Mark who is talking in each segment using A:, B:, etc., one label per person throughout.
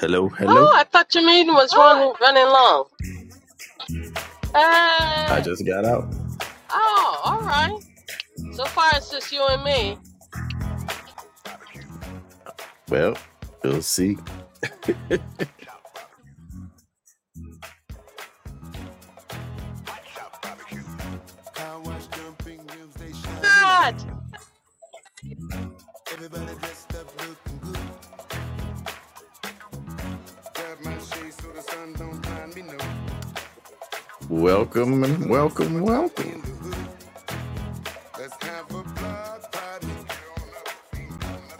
A: Hello, hello.
B: Oh, I thought your meeting was running running long. Uh,
A: I just got out.
B: oh, all right. So far, it's just you and me.
A: Well, we'll see.
B: God,
A: Welcome and welcome, welcome.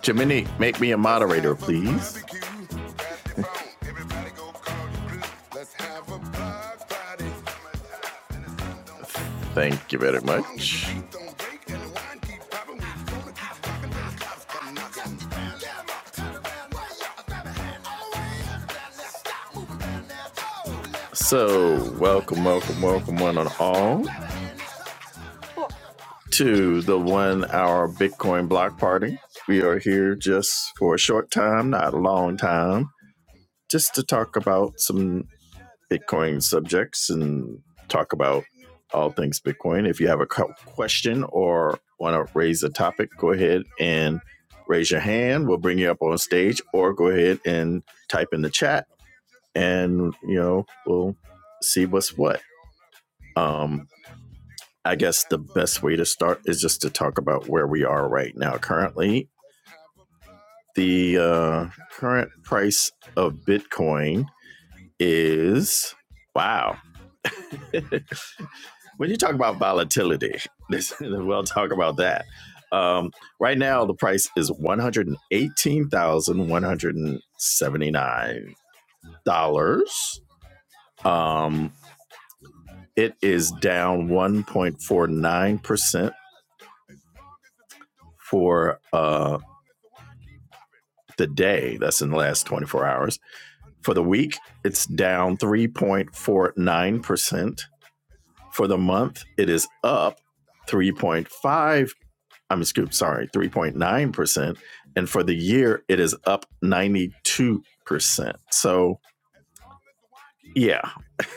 A: Jiminy, make me a moderator, please. Thank you very much. So, welcome, welcome, welcome, one and all, to the one hour Bitcoin block party. We are here just for a short time, not a long time, just to talk about some Bitcoin subjects and talk about all things Bitcoin. If you have a question or want to raise a topic, go ahead and raise your hand. We'll bring you up on stage, or go ahead and type in the chat, and you know we'll see what's what. Um, I guess the best way to start is just to talk about where we are right now. Currently, the uh, current price of Bitcoin is wow. when you talk about volatility, we'll talk about that. Um, right now, the price is one hundred and eighteen thousand one hundred and seventy nine dollars. Um, it is down one point four nine percent for uh, the day. That's in the last twenty four hours. For the week, it's down three point four nine percent. For the month, it is up three point five I mean, scoop, sorry, 3.9%. And for the year, it is up 92%. So, yeah,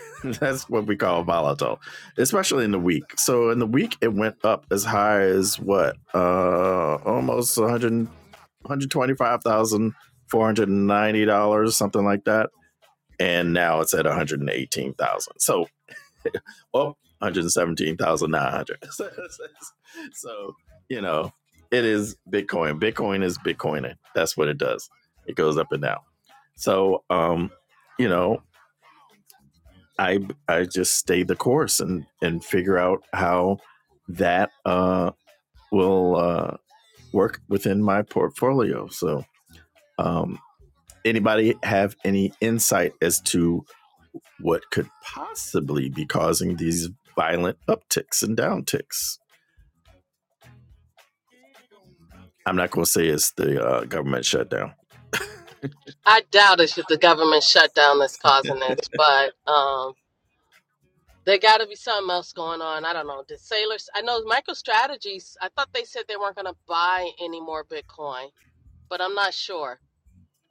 A: that's what we call volatile, especially in the week. So, in the week, it went up as high as what? Uh, almost 100, $125,490, something like that. And now it's at 118000 So, oh, 117,900. so, you know, it is Bitcoin. Bitcoin is Bitcoining. That's what it does. It goes up and down. So, um, you know, I I just stay the course and and figure out how that uh will uh work within my portfolio. So, um anybody have any insight as to what could possibly be causing these violent upticks and downticks? I'm not going to say it's the uh, government shutdown.
B: I doubt it's just the government shutdown that's causing this, but um, there got to be something else going on. I don't know. Did sailors? I know MicroStrategies. I thought they said they weren't going to buy any more Bitcoin, but I'm not sure.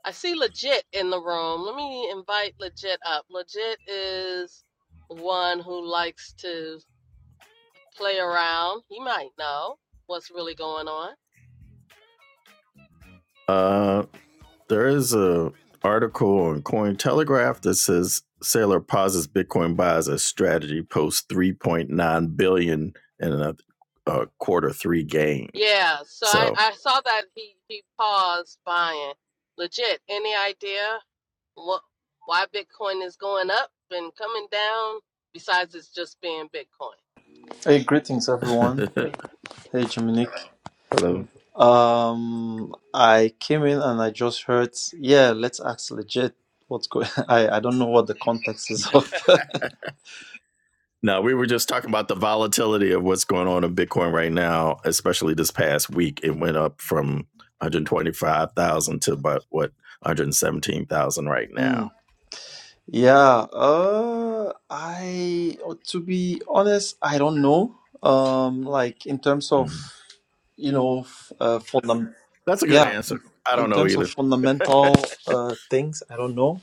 B: I see Legit in the room. Let me invite Legit up. Legit is one who likes to. play around. He might know what's really going on.
A: Uh, there is a article on Cointelegraph that says Sailor pauses Bitcoin buys as strategy post 3.9 billion dollars in a, uh quarter three gain.
B: Yeah, so I,
A: So,
B: I saw that he, he paused buying. Legit, any idea what why Bitcoin is going up and coming down besides it's just being Bitcoin?
C: Hey, greetings everyone.
A: hello.
C: Hey, Dominique. Um, I came in and I just heard, yeah, let's ask legit what's going. I I don't know what the context is of.
A: Now we were just talking about the volatility of what's going on in Bitcoin right now, especially this past week. It went up from 125,000 to about what 117,000 right now.
C: Mm, yeah. Uh, I to be honest, I don't know. Um, like in terms of,
A: Mm-hmm.
C: you know, f- uh, fundam-
A: That's a good
C: yeah,
A: answer. I
C: in
A: don't know
C: terms of
A: either.
C: fundamental uh things, I don't know.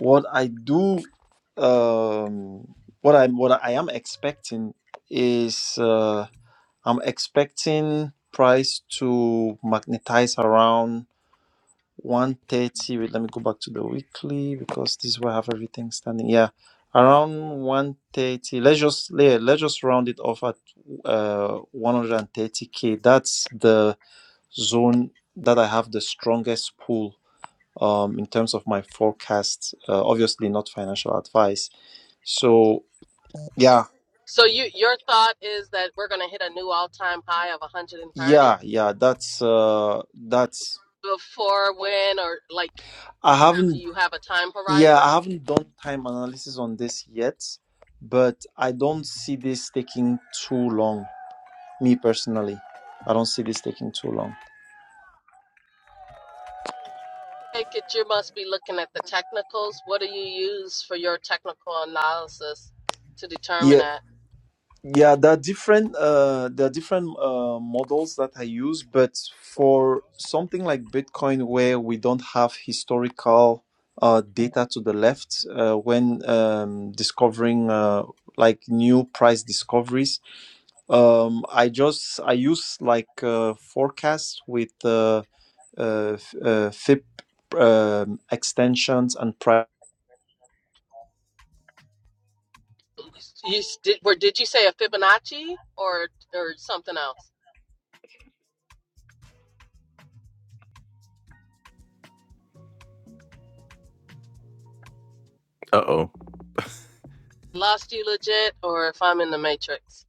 C: What I do, um, what I'm, what I am expecting is, uh, I'm expecting price to magnetize around 130. Wait, let me go back to the weekly because this is where I have everything standing. Yeah, around 130. Let's just yeah, let's just round it off at uh 130k. That's the zone that I have the strongest pull um, in terms of my forecast. Uh, obviously, not financial advice. So yeah,
B: So you your thought is that we're going to hit a new all-time high of 130
C: yeah, yeah. That's uh, that's.
B: before when or like
C: I
B: do
C: haven't.
B: you have a time
C: Yeah,
B: horizon?
C: I haven't done time analysis on this yet, but I don't see this taking too long. Me personally, I don't see this taking too long.
B: take it you must be looking at the technicals. What do you use for your technical analysis to
C: Yeah.
B: determine that?
C: Yeah, there are different uh, there are different uh, models that I use, but for something like Bitcoin, where we don't have historical uh, data to the left uh, when um, discovering uh, like new price discoveries, um, I just I use like uh, forecasts with uh, uh, f- uh, FIP um, extensions and price
B: You s- did, where did you say a Fibonacci or or something else?
A: Uh-oh.
B: Lost you legit, or if I'm in the matrix,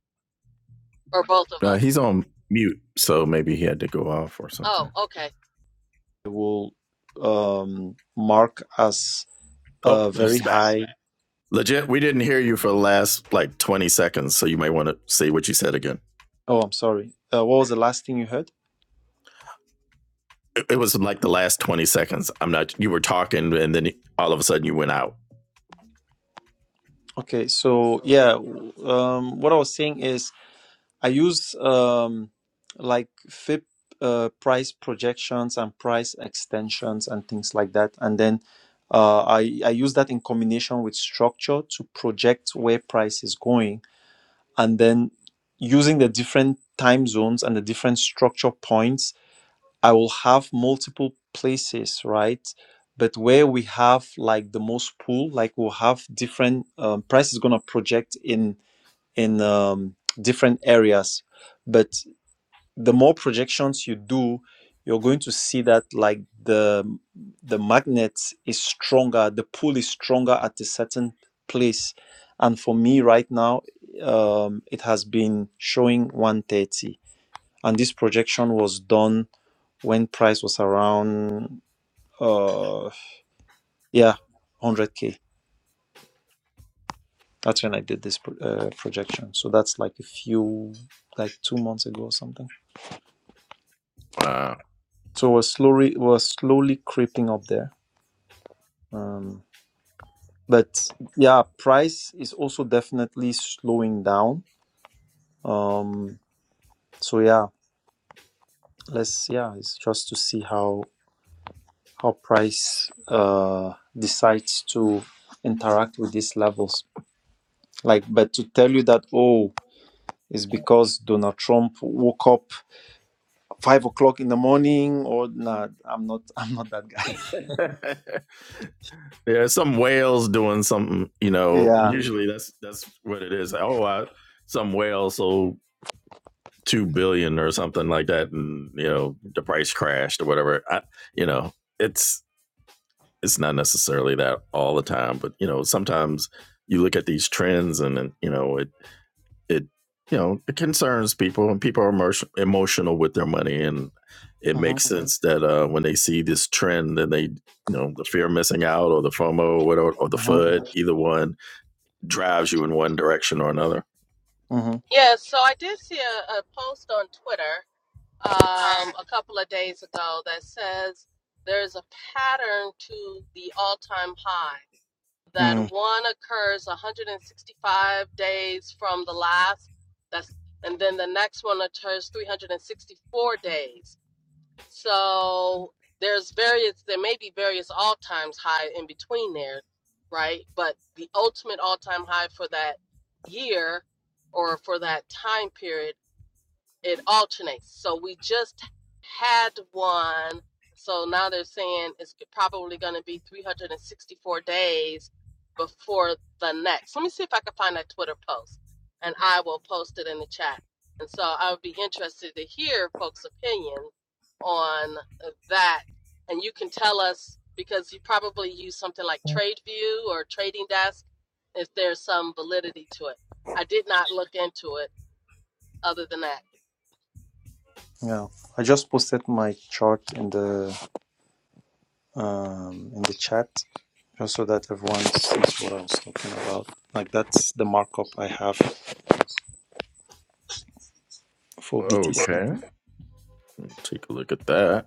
B: or both of
A: Uh
B: us?
A: He's on mute, so maybe he had to go off or
B: Oh,
A: something.
B: okay.
C: will um, mark as
A: Oh,
C: uh, very
A: he's back.
C: high
A: Legit, we didn't hear you for the last like 20 seconds, so you might want to say what you said again.
C: Oh, I'm sorry. Uh, what was the last thing you heard?
A: It, it was like the last 20 seconds. I'm not, you were talking, and then all of a sudden you went out.
C: Okay, so yeah, w- um, what I was saying is I use um, like FIP uh, price projections and price extensions and things like that, and then uh, I I use that in combination with structure to project where price is going, and then using the different time zones and the different structure points I will have multiple places, right? But where we have like the most pool, like we'll have different um, price is gonna project in in um, different areas. But the more projections you do, you're going to see that like the the magnet is stronger, the pull is stronger at a certain place. And for me right now, um, it has been showing 130 and this projection was done when price was around uh yeah 100k that's when i did this pro- uh, projection so that's like a few like two months ago or something
A: Wow.
C: so we're slowly we're slowly creeping up there um but yeah price is also definitely slowing down um so yeah let's yeah it's just to see how how price uh decides to interact with these levels like but to tell you that oh it's because donald trump woke up five o'clock in the morning or nah i'm not i'm not that guy
A: yeah, some whales doing something, you know,
C: yeah
A: usually that's that's what it is. Oh, I, some whale, so two billion or something like that, and you know the price crashed or whatever. I, you know, it's it's not necessarily that all the time, but you know sometimes you look at these trends and, and you know it it you know it concerns people and people are emotion, emotional with their money and it
C: hmm
A: makes sense that uh, when they see this trend then they you know the fear of missing out or the FOMO or whatever or the
C: hmm
A: FUD either one drives you in one direction or another.
C: hmm
B: Yeah, so I did see a, a post on Twitter um, a couple of days ago that says there's a pattern to the all-time high that
C: mm,
B: one occurs 165 days from the last that's and then the next one occurs 364 days so there's various there may be various all times high in between there right but the ultimate all time high for that year or for that time period it alternates. So we just had one. So now they're saying it's probably going to be 364 days before the next. Let me see if I can find that Twitter post and I will post it in the chat. And so I would be interested to hear folks' opinion on that. And you can tell us because you probably use something like TradeView or Trading Desk if there's some validity to it. I did not look into it other than that.
C: yeah i just posted my chart in the um in the chat just so that everyone sees what i was talking about like that's the markup i have for btc
A: Okay, take a look at that.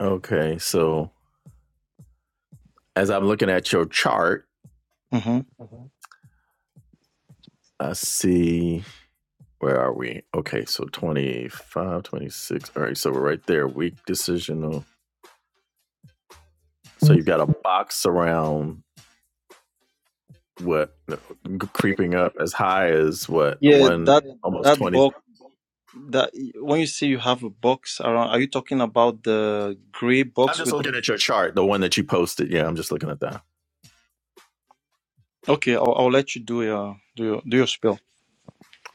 A: Okay, so as I'm looking at your chart,
C: hmm
A: I see where are we? Okay, so twenty five, twenty All right, so we're right there. Weak decisional. So you've got a box around what creeping up as high as what
C: yeah
A: one
C: that
A: almost
C: that
A: 20.
C: box that when you say you have a box around are you talking about the gray
A: I'm
C: box
A: just
C: with
A: looking at your chart, the one that you posted. Yeah, I'm just looking at that.
C: Okay, I'll, I'll let you do your do your do your spill.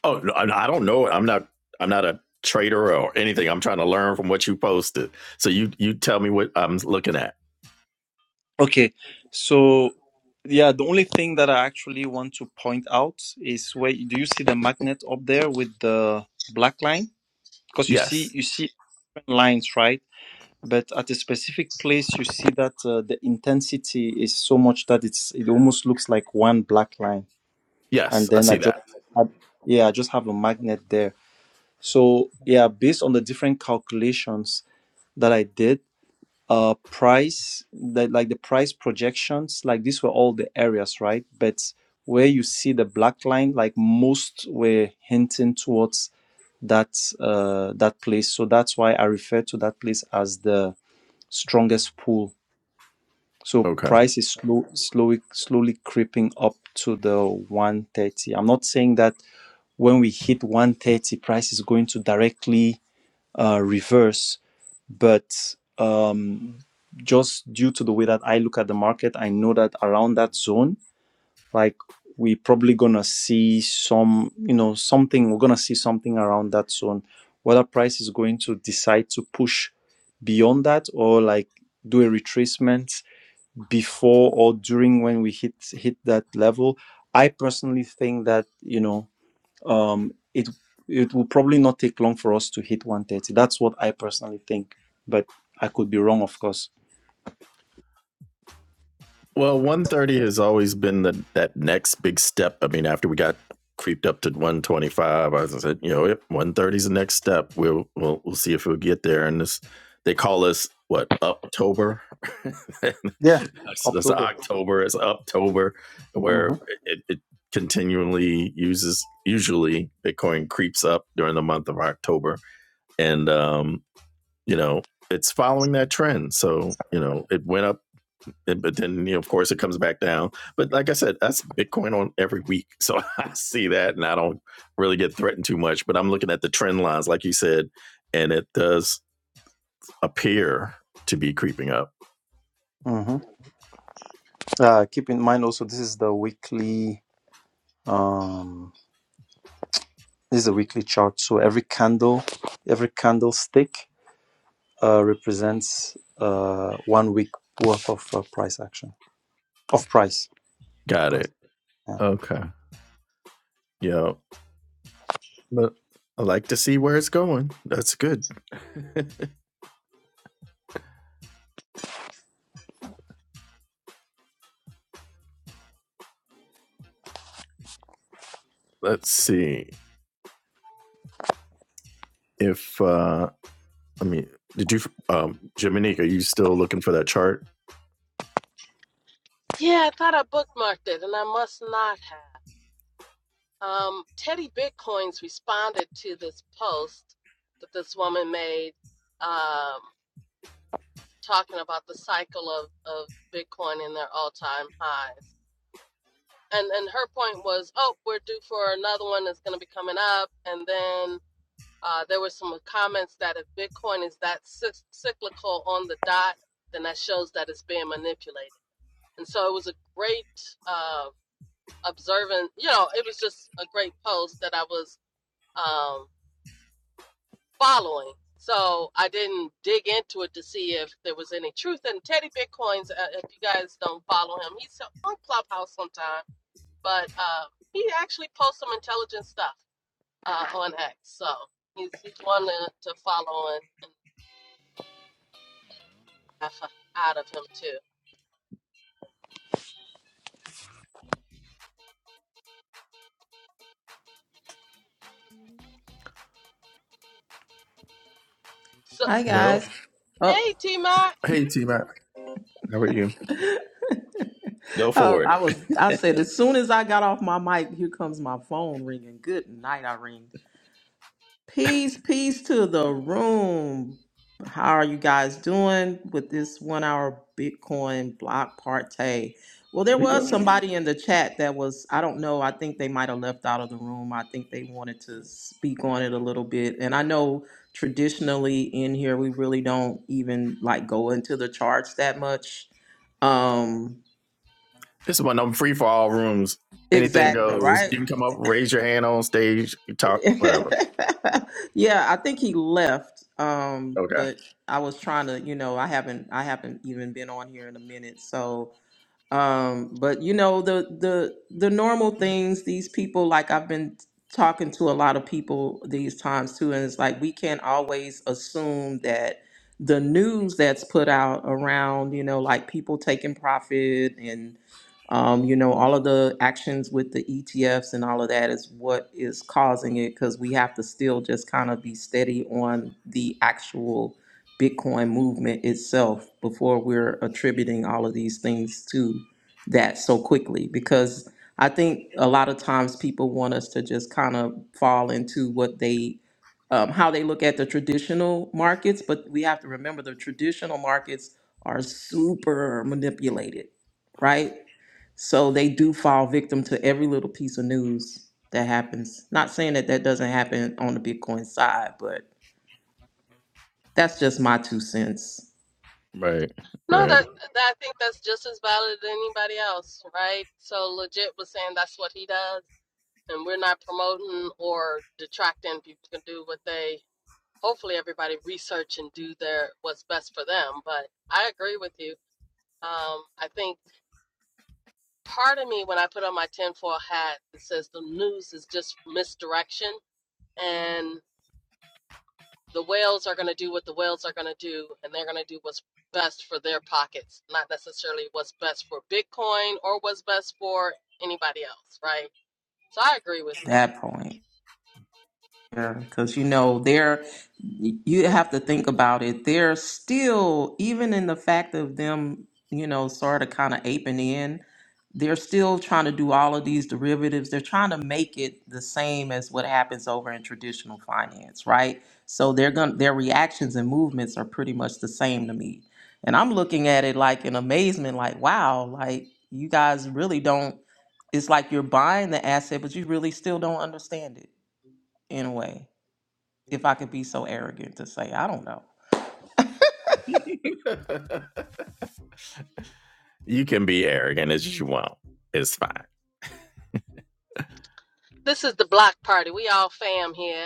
A: Oh, no, I don't know. I'm not, I'm not a trader or anything. I'm trying to learn from what you posted. So you, you tell me what I'm looking at.
C: Okay, so yeah, the only thing that I actually want to point out is where do you see the magnet up there with the black line? Because you see
A: Yes.
C: you see different lines, right? But at a specific place, you see that uh, the intensity is so much that it's it almost looks like one black line, and
A: Yes. I
C: then I
A: see
C: just
A: that.
C: had, yeah I just have a magnet there. So yeah, based on the different calculations that I did uh price that like the price projections like these were all the areas right but where you see the black line like most were hinting towards that uh that place so that's why i refer to that place as the strongest pull. so
A: Okay.
C: price is slow slowly slowly creeping up to the 130 i'm not saying that when we hit 130 price is going to directly uh reverse but um, just due to the way that I look at the market, I know that around that zone, like we are probably gonna see some, you know, something. We're gonna see something around that zone. Whether price is going to decide to push beyond that or like do a retracement before or during when we hit hit that level. I personally think that you know um, it it will probably not take long for us to hit 130. That's what I personally think, but I could be wrong, of course.
A: Well, 130 has always been the that next big step. I mean, after we got creeped up to 125, I said, you know, yep, 130 is the next step. We'll we'll we'll see if we'll get there. And this, they call us what October.
C: Yeah,
A: That's
C: October.
A: October. It's October, where
C: hmm
A: it, it continually uses. Usually, Bitcoin creeps up during the month of October, and um, you know, it's following that trend. So you know, it went up and, but then, you know, of course, it comes back down. But like I said, that's Bitcoin on every week. So I see that and I don't really get threatened too much. But I'm looking at the trend lines, like you said, and it does appear to be creeping up.
C: hmm Uh, keep in mind also this is the weekly um, this is a weekly chart. So every candle, every candlestick uh, represents uh, one week worth of uh, price action of price.
A: Got
C: price.
A: it.
C: Yeah.
A: Okay. Yeah. But I like to see where it's going. That's good. Let's see if uh I mean, did you um Jiminique, are you still looking for that chart?
B: Yeah, I thought I bookmarked it, and I must not have. Um, Teddy Bitcoins responded to this post that this woman made, um, talking about the cycle of, of Bitcoin and their all time highs. And and her point was, oh, we're due for another one that's going to be coming up. And then uh, there were some comments that if Bitcoin is that cyc- cyclical on the dot, then that shows that it's being manipulated. And so it was a great. uh, observing you know it was just a great post that i was um following so i didn't dig into it to see if there was any truth and teddy bitcoins uh, if you guys don't follow him he's so, on clubhouse sometime but uh he actually posts some intelligent stuff uh on x so he's he's one to, to follow and, and laugh out of him too so
D: Hi guys.
A: Well,
D: Oh,
B: hey t mac
A: hey T Mac, how are you? Go
D: oh,
A: for it.
D: I was. I said as soon as I got off my mic, here comes my phone ringing. Good night, Irene. Peace, peace to the room. How are you guys doing with this one-hour Bitcoin block party? Well, there
A: Here We
D: was
A: go.
D: somebody in the chat that was. I don't know. I think they might have left out of the room. I think they wanted to speak on it a little bit, and I know traditionally in here we really don't even like go into the charts that much. Um,
A: This is one of them free for all rooms. Anything
D: Exactly,
A: goes.
D: right?
A: You can come up, raise your hand on stage, you talk, whatever.
D: yeah, I think he left. Um,
A: Okay.
D: but I was trying to, you know, I haven't I haven't even been on here in a minute. So um but you know the the the normal things these people like i've been talking to a lot of people these times too and it's like we can't always assume that the news that's put out around you know like people taking profit and um, you know all of the actions with the etfs and all of that is what is causing it because we have to still just kind of be steady on the actual Bitcoin movement itself before we're attributing all of these things to that so quickly because I think a lot of times people want us to just kind of fall into what they um, how they look at the traditional markets, but we have to remember the traditional markets are super manipulated, right? So they do fall victim to every little piece of news that happens. Not saying that that doesn't happen on the Bitcoin side, but that's just my two cents.
A: Right.
B: no,
A: Right.
B: that, that I think that's just as valid as anybody else, right? So legit was saying that's what he does and we're not promoting or detracting. People can do what they. Hopefully, everybody research and do their what's best for them. But I agree with you. Um, I think part of me, when I put on my tinfoil hat, it says the news is just misdirection, and the whales are going to do what the whales are going to do, and they're going to do what's best for their pockets, not necessarily what's best for Bitcoin or what's best for anybody else, right? So I agree with you.
D: that point because you know they're you have to think about it they're still even in the fact of them you know sort of kind of aping in they're still trying to do all of these derivatives they're trying to make it the same as what happens over in traditional finance right so they're going their reactions and movements are pretty much the same to me and i'm looking at it like in amazement like wow like you guys really don't it's like you're buying the asset but you really still don't understand it in a way, if I could be so arrogant to say, I don't know.
A: you can be arrogant as you want. It's fine.
B: This is the block party. We all fam here,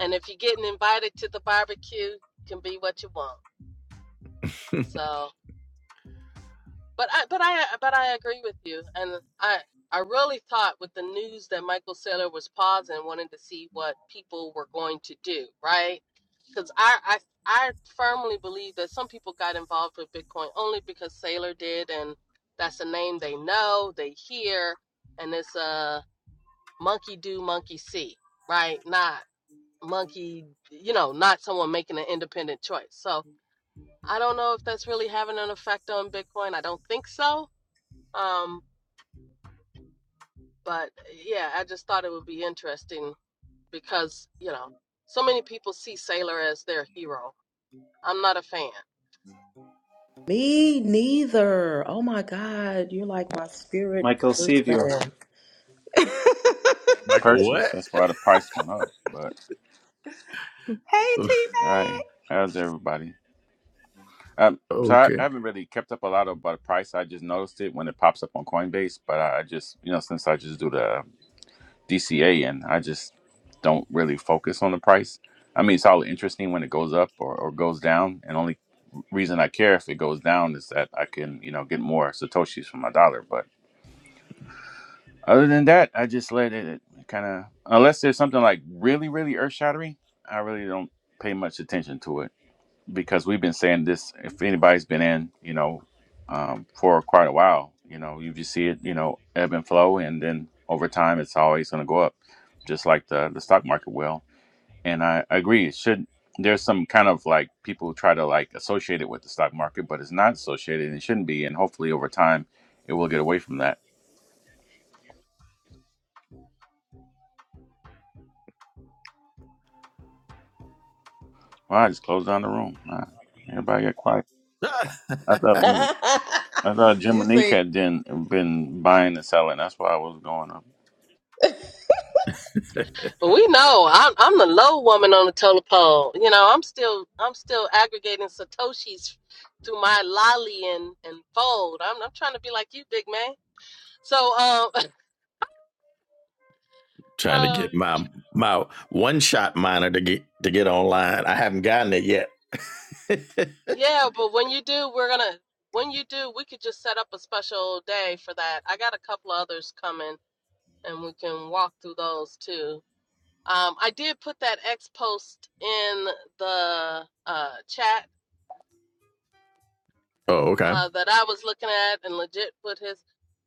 B: and if you're getting invited to the barbecue, it can be what you want. So, but I, but I, but I agree with you, and I, I really thought with the news that Michael Saylor was pausing, wanted to see what people were going to do, right? Because I, I, I firmly believe that some people got involved with Bitcoin only because Saylor did, and that's a name they know, they hear, and it's a monkey do, monkey see, right? Not monkey, you know, not someone making an independent choice. So I don't know if that's really having an effect on Bitcoin. I don't think so. Um, but yeah, I just thought it would be interesting because, you know, so many people see Sailor as their hero. I'm not a fan.
D: Me neither. Oh my God, you're like my spirit person.
A: Michael,
E: purchase.
A: what?
E: That's why the price went up. But
D: Hey, T
E: hey, how's everybody? Um, so I,
A: okay.
E: I haven't really kept up a lot about the price. I just noticed it when it pops up on Coinbase. But I, I just, you know, since I just do the DCA and I just don't really focus on the price. I mean, it's all interesting when it goes up or, or goes down. And only reason I care if it goes down is that I can, you know, get more satoshis for my dollar. But other than that, I just let it kind of, unless there's something like really, really earth shattering, I really don't pay much attention to it because we've been saying this. If anybody's been in, you know, um, for quite a while, you know, you just see it, you know, ebb and flow, and then over time, it's always going to go up, just like the the stock market will. And I, I agree. It should there's some kind of like people who try to like associate it with the stock market, but it's not associated, and it shouldn't be. And hopefully, over time, it will get away from that. Well, I just closed down the room. Wow. Everybody got quiet. I thought
D: Mac.
E: I thought Jim
D: you
E: and Nick
D: say
E: had been been buying and selling. That's why I was going up.
B: But we know I'm I'm the low woman on the totem pole. You know, I'm still I'm still aggregating Satoshis through my lolly and, and fold. I'm I'm trying to be like you, big man. So um
A: Trying to get my my one shot miner to get to get online. I haven't gotten it yet.
B: Yeah, but when you do, we're gonna when you do, we could just set up a special day for that. I got a couple others coming and we can walk through those too. Um, I did put that X post in the uh chat
A: oh, okay.
B: uh, that I was looking at and legit put his.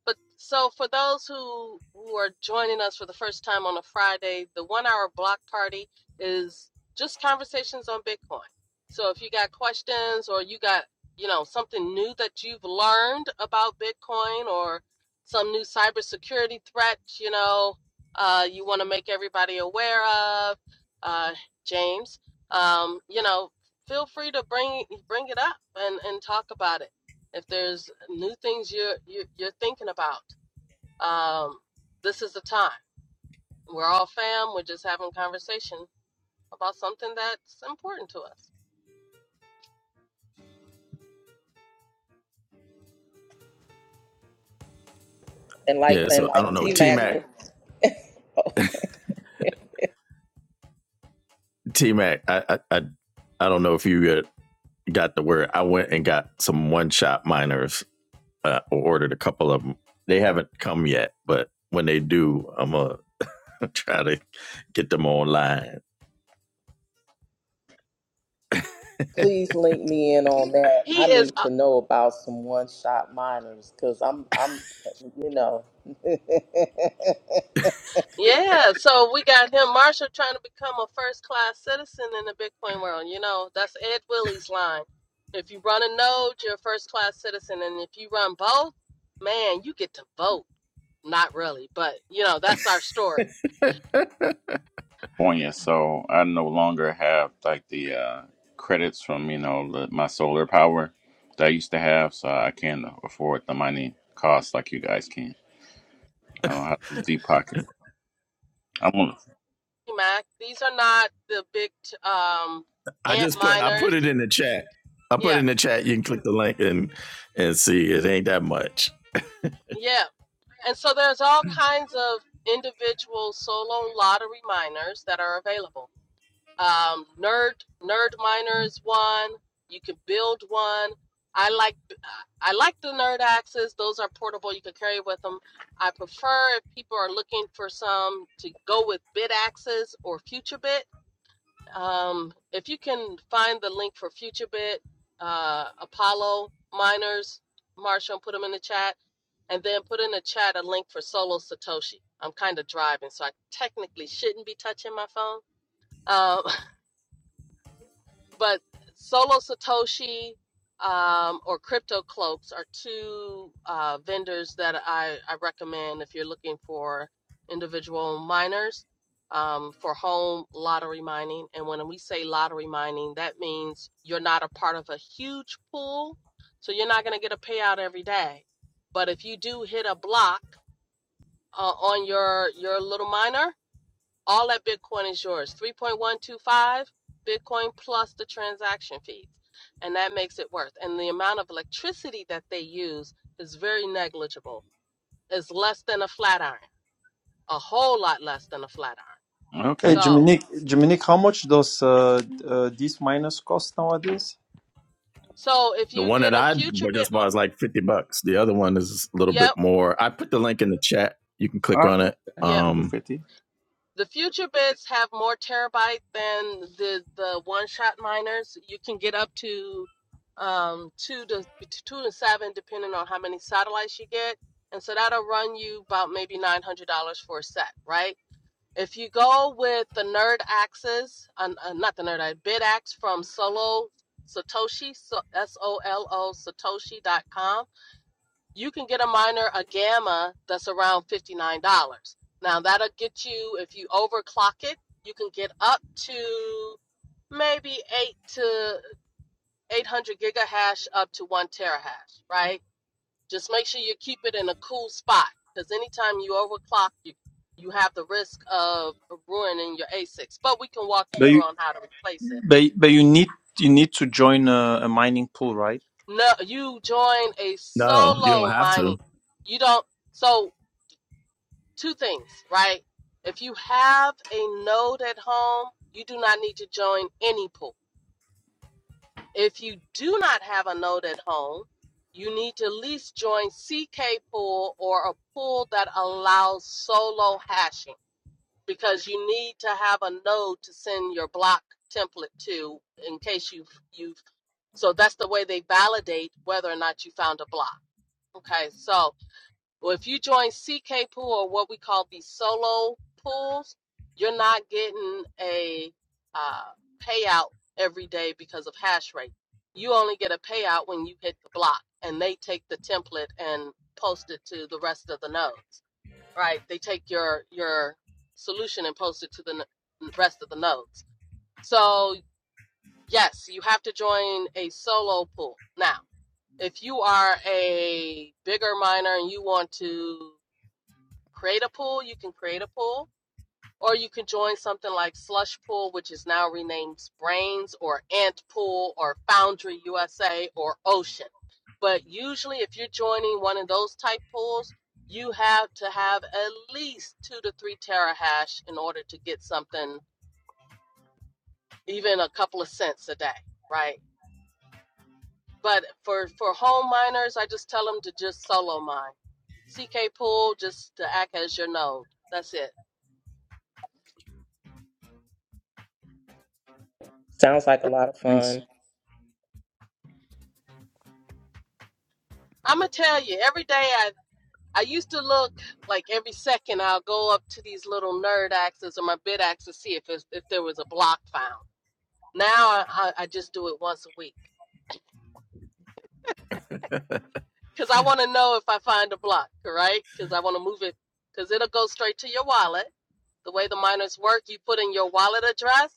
B: But so for those who who are joining us for the first time on a Friday, the one hour block party is just conversations on Bitcoin. So if you got questions or you got you know something new that you've learned about Bitcoin or some new cybersecurity threat, you know, uh, you want to make everybody aware of, uh, James, um, you know, feel free to bring bring it up and, and talk about it if there's new things you're you're, you're thinking about um, this is the time we're all fam we're just having conversation about something that's important to us
D: and like
A: Yeah.
D: and
A: So I
D: like
A: don't know.
D: T
A: T
D: Mac,
A: Mac. T Mac. I, I I I don't know if you got got the word. I went and got some one shot miners. Uh, or ordered a couple of them. They haven't come yet, but when they do, I'm a Try to get them online.
D: please link me in on that.
B: he
D: I
B: is
D: need
B: uh,
D: to know about some one shot minors because I'm I'm you know.
B: yeah so we got him marshall trying to become a first class citizen in the bitcoin world you know that's ed willie's line if you run a node you're a first class citizen and if you run both man you get to vote not really but you know that's our story
E: California, so I no longer have like the uh, credits from you know the, my solar power that I used to have, so I can't afford the money costs like you guys can. I don't have no deep pockets. I'm on-
B: Mac. These are not the big um,
A: I
B: ant
A: just put I put
B: miners.
A: it in the chat. I put it
B: Yeah,
A: in the chat. You can click the link and and see. It ain't that much.
B: yeah. And so there's all kinds of individual solo lottery miners that are available. Um, nerd nerd miner is one. You can build one. I like I like the nerd axes. Those are portable. You can carry with them. I prefer if people are looking for some to go with bit axes or future bit Um, if you can find the link for FutureBit, uh, Apollo Miners, Marshall, put them in the chat, and then put in the chat a link for Solo Satoshi. I'm kind of driving, so I technically shouldn't be touching my phone. Um, but Solo Satoshi um, or Crypto Cloaks are two uh, vendors that I, I recommend if you're looking for individual miners um, for home lottery mining. And when we say lottery mining, that means you're not a part of a huge pool, so you're not going to get a payout every day. But if you do hit a block uh, on your your little miner, all that Bitcoin is yours. 3.125 Bitcoin plus the transaction fees. And that makes it worth. And the amount of electricity that they use is very negligible. It's less than a flat iron, a whole lot less than a flat iron.
C: Hey,
E: okay.
B: So,
C: Dominique, Dominique, how much does uh, uh, this minus cost nowadays?
B: so if
A: The
B: you
A: one
B: get
A: that
B: a
A: I
B: future bit,
A: just bought is like fifty bucks. The other one is a little bit
B: yep,
A: more. I put the link in the chat. You can
E: All
A: click on it.
E: right,
B: yep.
E: I could do
A: Um,
E: fifty.
B: The future bids have more terabyte than the the one shot miners. You can get up to um two to two to seven depending on how many satellites you get. And so that'll run you about maybe nine hundred dollars for a set, right? If you go with the Nerd Axis, uh, uh, not the Nerd Axe, BidAxe from Solo Satoshi, so S O L O Satoshi dot com you can get a minor a gamma that's around $59 now that'll get you if you overclock it you can get up to maybe 8 to 800 gigahash up to 1 terahash right just make sure you keep it in a cool spot because anytime you overclock you you have the risk of ruining your asics but we can walk you through on how to replace it
C: But but you need you need to join a, a mining pool, right?
B: no you join a
A: no, you don't
B: solo
A: have
B: mining
A: to.
B: you don't so two things, right? If you have a node at home, you do not need to join any pool. If you do not have a node at home, you need to at least join CK pool or a pool that allows solo hashing because you need to have a node to send your block template to in case you've you've so that's the way they validate whether or not you found a block. Okay, so well, if you join CK pool or what we call the solo pools, you're not getting a uh, payout every day because of hash rate. You only get a payout when you hit the block, and they take the template and post it to the rest of the nodes. Right? They take your your solution and post it to the n- rest of the nodes. So yes, you have to join a solo pool now if you are a bigger miner and you want to create a pool, you can create a pool, or you could join something like Slush Pool, which is now renamed Brains or Ant Pool or Foundry USA or Ocean. But usually, if you're joining one of those type pools, you have to have at least two to three terahash in order to get something, even a couple of cents a day, right? But for for home miners, I just tell them to just solo mine. CK Pool just to act as your node. That's it.
D: Sounds like a lot of
C: Thanks.
D: fun.
B: I'm gonna tell you every day. I. I used to look like every second I'll go up to these little nerd axes or my bid axe to see if it's, if there was a block found. Now I, I, just do it once a week because I want to know if I find a block, right? Because I want to move it because it'll go straight to your wallet. The way the miners work, you put in your wallet address.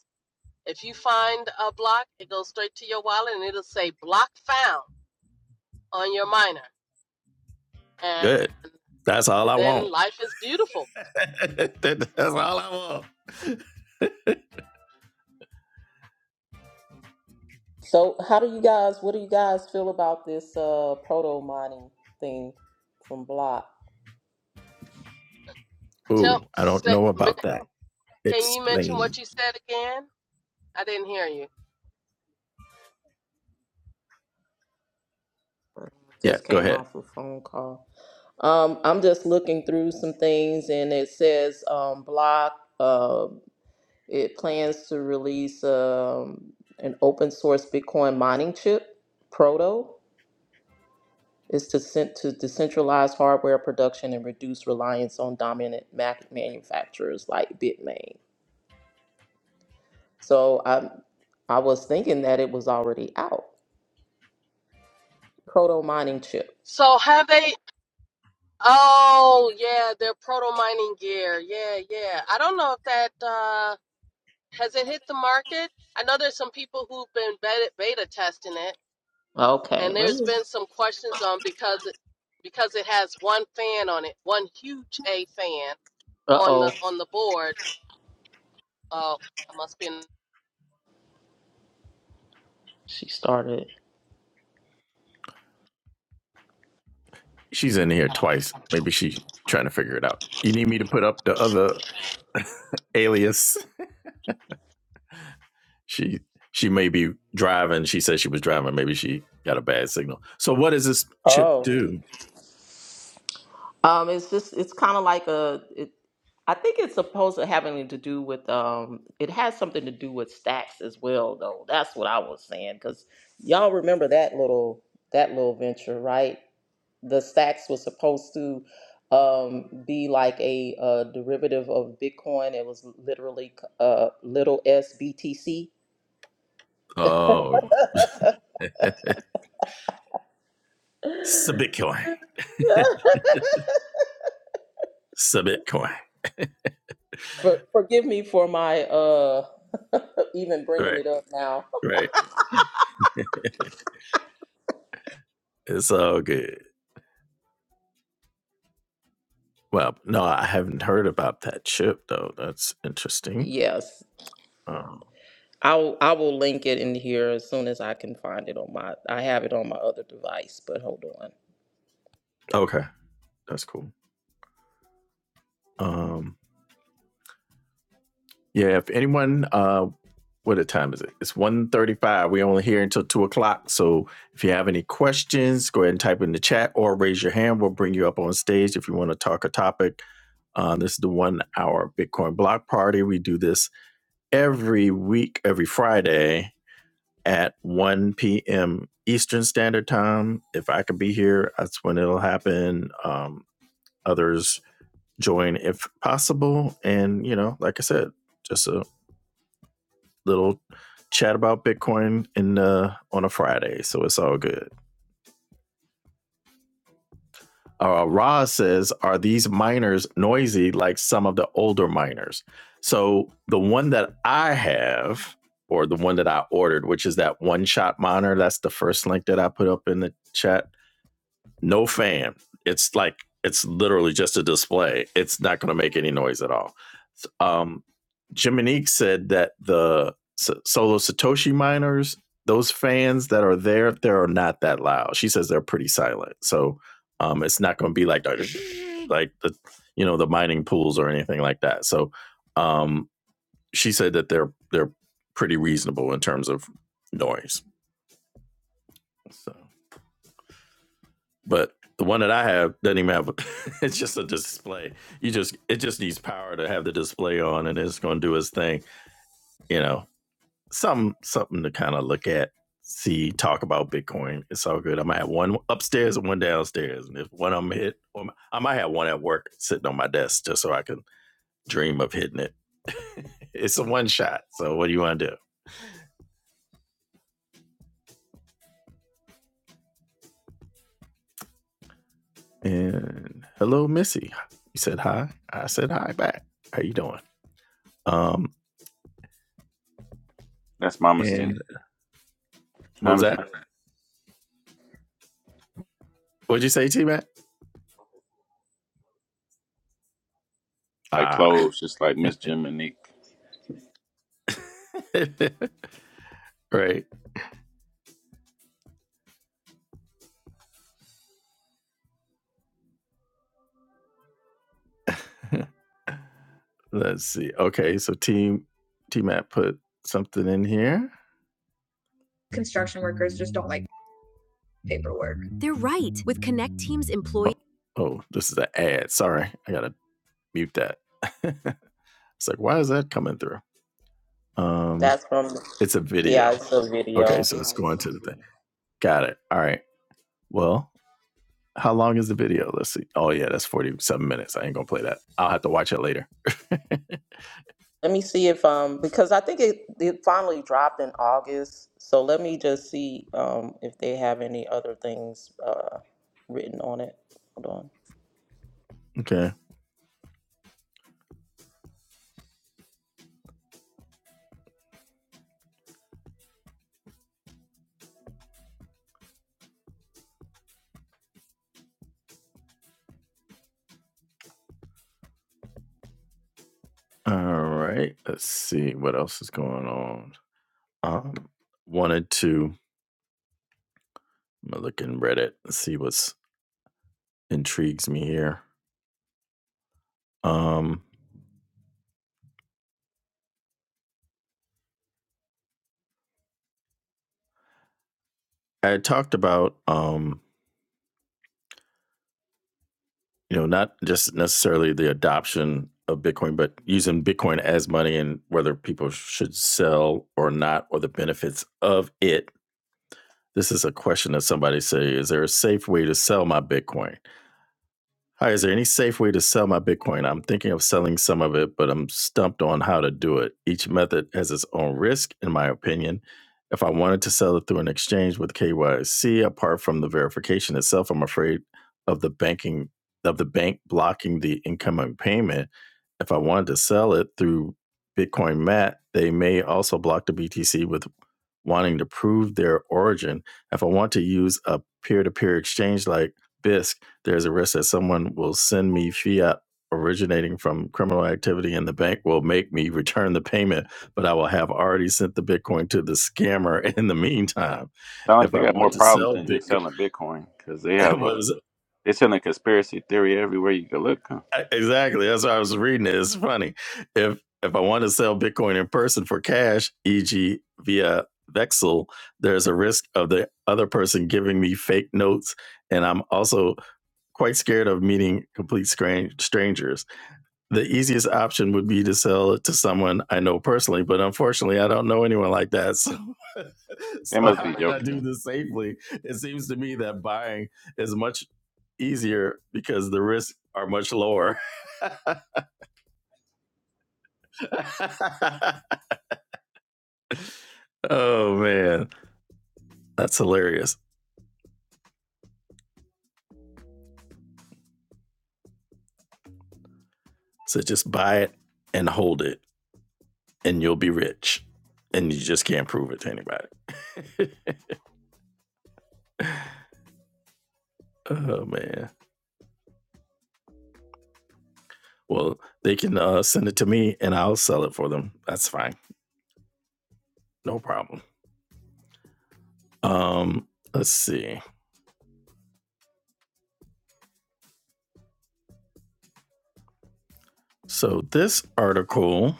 B: If you find a block, it goes straight to your wallet and it'll say block found on your miner. And
A: Good. That's all I
B: then
A: want.
B: life is beautiful.
A: That's all I want.
D: So, how do you guys? What do you guys feel about this uh, proto mining thing from Block?
A: Ooh,
B: Tell,
A: I don't know about that.
B: can you mention
A: Explain.
B: what you said again? I didn't hear you.
A: Yeah,
D: Just
A: go
D: came
A: ahead.
D: off a phone call. Um, I'm just looking through some things, and it says um, Block uh, it plans to release um, an open source Bitcoin mining chip. Proto is to sent to decentralize hardware production and reduce reliance on dominant Mac manufacturers like Bitmain. So I I was thinking that it was already out. Proto mining chip.
B: So have they? Oh yeah, their proto mining gear. Yeah, yeah. I don't know if that uh, has it hit the market. I know there's some people who've been beta, beta testing it,
D: Okay,
B: and
D: let
B: there's
D: me.
B: been some questions on because it, because it has one fan on it, one huge A fan
D: Uh
B: on
D: oh,
B: the on the board. Oh, I must be. in
D: she started.
A: She's in here twice. Maybe she trying to figure it out. You need me to put up the other alias. She she may be driving. She said she was driving. Maybe she got a bad signal. So what does this chip
D: Oh,
A: do?
D: um, it's just it's kind of like a. It, I think it's supposed to having to do with um. It has something to do with stacks as well, though. That's what I was saying because y'all remember that little that little venture, right? the stacks was supposed to um, be like a, uh derivative of Bitcoin. It was literally uh, little SBTC.
A: Oh, it's a Bitcoin. It's a Bitcoin.
D: For, forgive me for my uh, even bringing
A: Right,
D: it up now.
A: right. It's all good. Well, no, I haven't heard about that chip though. That's interesting.
D: Yes,
A: Um,
D: I'll I will link it in here as soon as I can find it on my. I have it on my other device, but hold on.
A: okay, that's cool. Um, yeah, if anyone uh, what a time is it? It's one thirty-five. we only here until 2 o'clock. So if you have any questions, go ahead and type in the chat or raise your hand. We'll bring you up on stage if you want to talk a topic. Uh, this is the one hour Bitcoin block party. We do this every week, every Friday at 1 p.m. Eastern Standard Time. If I could be here, that's when it'll happen. Um, others join if possible. And, you know, like I said, just a little chat about Bitcoin in uh, on a Friday, so it's all good. Uh, Roz says, "Are these miners noisy like some of the older miners?" So the one that I have, or the one that I ordered, which is that one shot monitor, that's the first link that I put up in the chat. no fan. It's like it's literally just a display. It's not going to make any noise at all. Um, Jiminique said that the solo Satoshi miners, those fans that are there, they're not that loud. She says they're pretty silent, so um, it's not going to be like like the you know the mining pools or anything like that. So um, she said that they're they're pretty reasonable in terms of noise. So But the one that I have doesn't even have. A, it's just a display. You just it just needs power to have the display on, and it's going to do its thing. You know, some something to kind of look at, see, talk about Bitcoin. It's all good. I might have one upstairs and one downstairs, and if one of them hit, or m- I might have one at work sitting on my desk just so I can dream of hitting it. it's a one shot. So what do you want to do? And hello, Missy. You said hi. I said hi back. How you doing? Um,
E: That's my mistake.
A: and what was
E: I'm just
A: that? What'd you say, T Mac?
E: like
A: Ah,
E: clothes, just like Miss Jim and Nick.
A: right. Let's see. Okay, so Team T Mac put something in here. Construction workers just don't like paperwork. They're right. With Connect Team's employee. Oh, oh, this is an ad. Sorry, I gotta mute that. it's like, why is that coming through? Um,
D: That's from
A: it's a
D: yeah,
A: video.
D: it's a
A: Okay,
D: video.
A: so it's going to the thing. Got it. All right. Well, How long is the video? Let's see. Oh yeah, that's forty seven minutes. I ain't gonna play that. I'll have to watch it later.
D: Let me see if um because I think it, it finally dropped in August. So let me just see um if they have any other things uh written on it. Hold on.
A: okay. All right. Let's see what else is going on. Um, wanted to look in Reddit and see what's intrigues me here. Um, I talked about um, you know, not just necessarily the adoption of Bitcoin, but using Bitcoin as money and whether people should sell or not, or the benefits of it. This is a question that somebody say, is there a safe way to sell my Bitcoin? Hi, is there any safe way to sell my Bitcoin? I'm thinking of selling some of it, but I'm stumped on how to do it. Each method has its own risk, in my opinion. If I wanted to sell it through an exchange with KYC, apart from the verification itself, I'm afraid of the banking of the bank blocking the incoming payment. If I wanted to sell it through Bitcoin Mat, they may also block the BTC with wanting to prove their origin. If I want to use a peer-to-peer exchange like BISC, there's a risk that someone will send me fiat originating from criminal activity and the bank will make me return the payment, but I will have already sent the Bitcoin to the scammer in the meantime.
E: Sound like
A: If
E: they
A: I
E: got more
A: want to
E: problems
A: sell
E: than just
A: Bitcoin,
E: selling Bitcoin because they have a
A: was-
E: they selling conspiracy theory everywhere you can look. Huh?
A: e, exactly that's what I was reading. It. It's funny. If if I want to sell Bitcoin in person for cash, e.g. via Vexel, there's a risk of the other person giving me fake notes. And I'm also quite scared of meeting complete strange strangers the easiest option would be to sell it to someone I know personally, but unfortunately, I don't know anyone like that. So,
E: They
A: so
E: must
A: how
E: be
A: can I
E: joking.
A: do this safely? It seems to me that buying is much easier because the risks are much lower. oh man, that's hilarious. So just buy it and hold it, and you'll be rich, and you just can't prove it to anybody. oh man. Well, they can uh, send it to me and I'll sell it for them. That's fine. No problem. Um, let's see. So this article,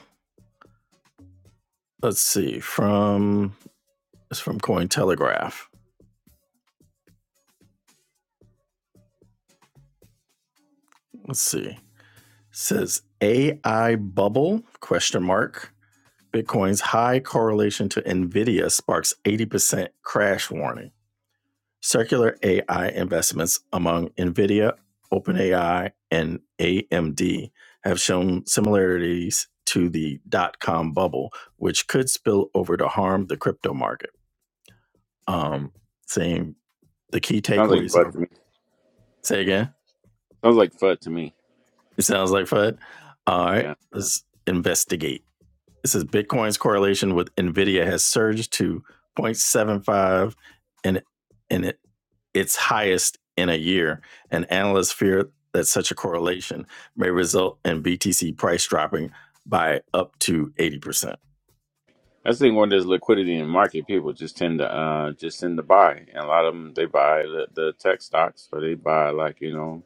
A: let's see, from it's from Cointelegraph. Let's see. It says AI bubble question mark. Bitcoin's high correlation to Nvidia sparks 80% crash warning. Circular AI investments among NVIDIA, OpenAI, and AMD have shown similarities to the dot com bubble, which could spill over to harm the crypto market. Um, saying the key
E: Sounds like
A: takeaways
E: fud
A: are
E: to me.
A: say again,
E: Sounds like fud to me.
A: it sounds like FUD. All
E: Yeah.
A: right, let's investigate. This is Bitcoin's correlation with Nvidia has surged to 0.75 and and it, its highest in a year. And analysts fear that such a correlation may result in BTC price dropping by up to 80%.
E: I think when there's liquidity in the market, people just tend to uh just tend to buy, and a lot of them they buy the, the tech stocks, or they buy like you know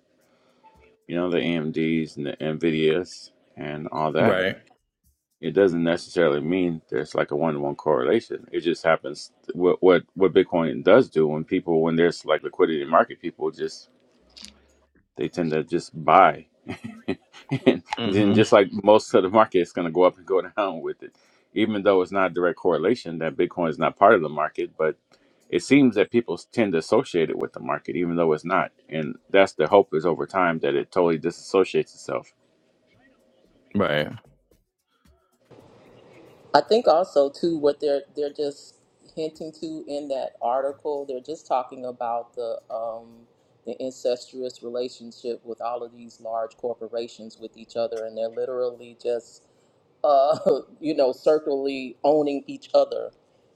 E: you know the AMD's and the Nvidias and all that.
A: Right.
E: It doesn't necessarily mean there's like a one to one correlation. It just happens. What what what Bitcoin does do when people when there's like liquidity in the market, people just they tend to just buy. and then
A: Mm-hmm.
E: just like most of the market, it's going to go up and go down with it. Even though it's not a direct correlation that Bitcoin is not part of the market, but it seems that people tend to associate it with the market, even though it's not. And that's the hope is over time that it totally disassociates itself.
A: Right.
D: I think also too what they're they're just hinting to in that article, they're just talking about the um the incestuous relationship with all of these large corporations with each other and they're literally just uh, you know, circularly owning each other,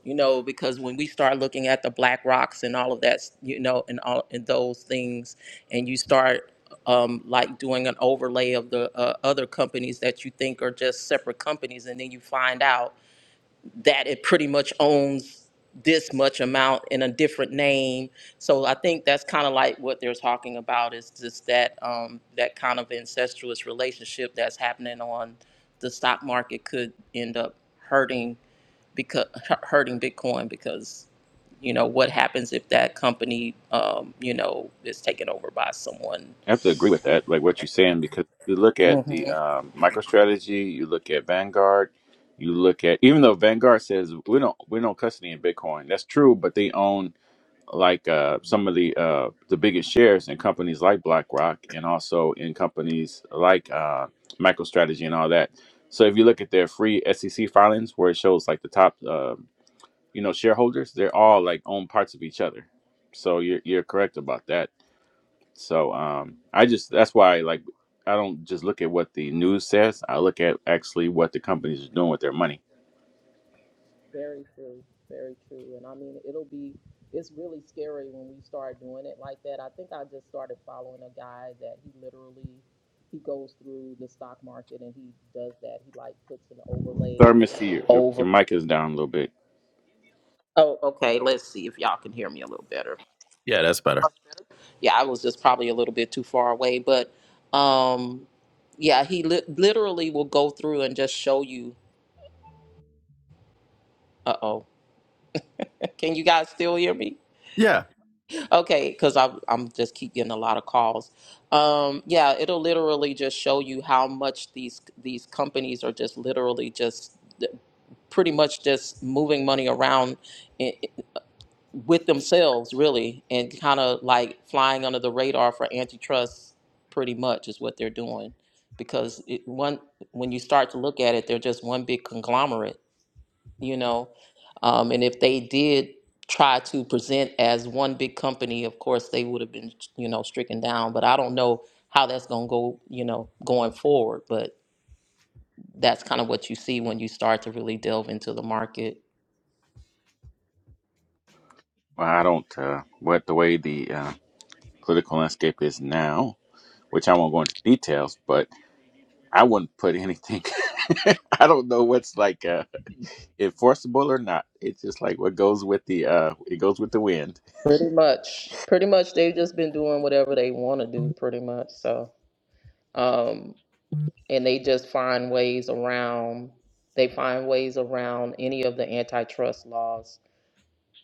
D: you know, because when we start looking at the black rocks and all of that, you know, and all and those things, and you start um, like doing an overlay of the uh, other companies that you think are just separate companies, and then you find out that it pretty much owns this much amount in a different name. So I think that's kind of like what they're talking about is just that um, that kind of incestuous relationship that's happening on the stock market could end up hurting because hurting Bitcoin because you know what happens if that company um, you know is taken over by someone.
E: I have to agree with that, like what you're saying, because you look at the um, MicroStrategy, you look at Vanguard, you look at even though Vanguard says we don't we don't custody in Bitcoin, that's true, but they own like uh, some of the uh, the biggest shares in companies like BlackRock and also in companies like uh, MicroStrategy and all that. So if you look at their free SEC filings, where it shows like the top uh, you know shareholders, they're all like own parts of each other. So you're you're correct about that. So um, I just that's why like I don't just look at what the news says. I look at actually what the companies are doing with their money.
D: Very true, very true. And I mean, it'll be, it's really scary when we start doing it like that. I think I just started following a guy that he literally, he goes through the stock market and he does that. He like puts an overlay
E: Sorry, Mister. your, your,
D: over.
E: your mic is down a little bit.
D: Oh, okay. Let's see if y'all can hear me a little better.
A: Yeah, that's better.
D: Yeah, I was just probably a little bit too far away, but um, yeah, he li- literally will go through and just show you. Uh oh, can you guys still hear me?
A: Yeah.
D: Okay, because I'm I'm just keep getting a lot of calls. Um, yeah, it'll literally just show you how much these these companies are just literally just pretty much just moving money around i with themselves, really, and kind of like flying under the radar for antitrust. Pretty much is what they're doing, because it, one when you start to look at it, they're just one big conglomerate you know. Um, and if they did try to present as one big company, of course they would have been, you know, stricken down. But I don't know how that's going to go, you know, going forward. But that's kind of what you see when you start to really delve into the market.
E: Well, I don't uh, what the way the uh, political landscape is now, which I won't go into details, but I wouldn't put anything. I don't know what's like uh, enforceable or not. It's just like what goes with the uh, it goes with the wind.
D: Pretty much, pretty much, they've just been doing whatever they want to do, pretty much. So. Um, and they just find ways around they find ways around any of the antitrust laws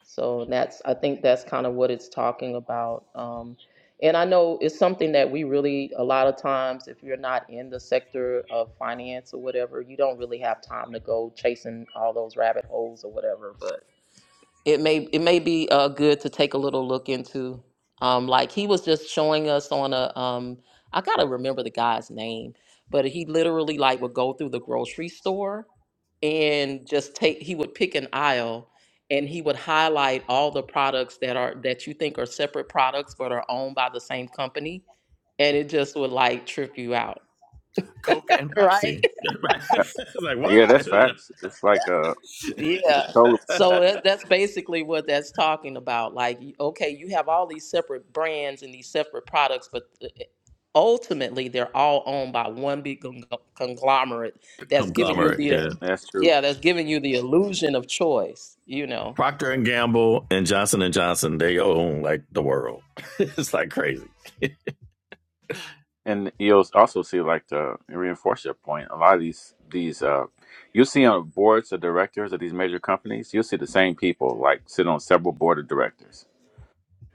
D: so that's i think that's kind of what it's talking about um, and i know it's something that we really a lot of times if you're not in the sector of finance or whatever you don't really have time to go chasing all those rabbit holes or whatever But it may it may be uh, good to take a little look into. Um, like he was just showing us on a um, I gotta remember the guy's name, but he literally like would go through the grocery store and just take he would pick an aisle and he would highlight all the products that are that you think are separate products but are owned by the same company and it just would like trip you out
A: Coke and
D: right
A: Pepsi.
E: Uh,
A: it's like what?
E: Yeah, that's facts. It's like uh, it's
D: Yeah.
E: totally
D: So that, that's basically what that's talking about. Like, y- okay, you have all these separate brands and these separate products, but uh, ultimately they're all owned by one big con- conglomerate that's giving
E: yeah,
D: you
A: Conglomerate.
D: the
A: Yeah.
E: that's true.
D: yeah, that's giving you the illusion of choice, you know.
A: Procter and Gamble and Johnson and Johnson, they own like the world. it's like crazy.
E: And you'll also see like to reinforce your point. A lot of these these uh, you see on boards of directors of these major companies, you'll see the same people like sit on several board of directors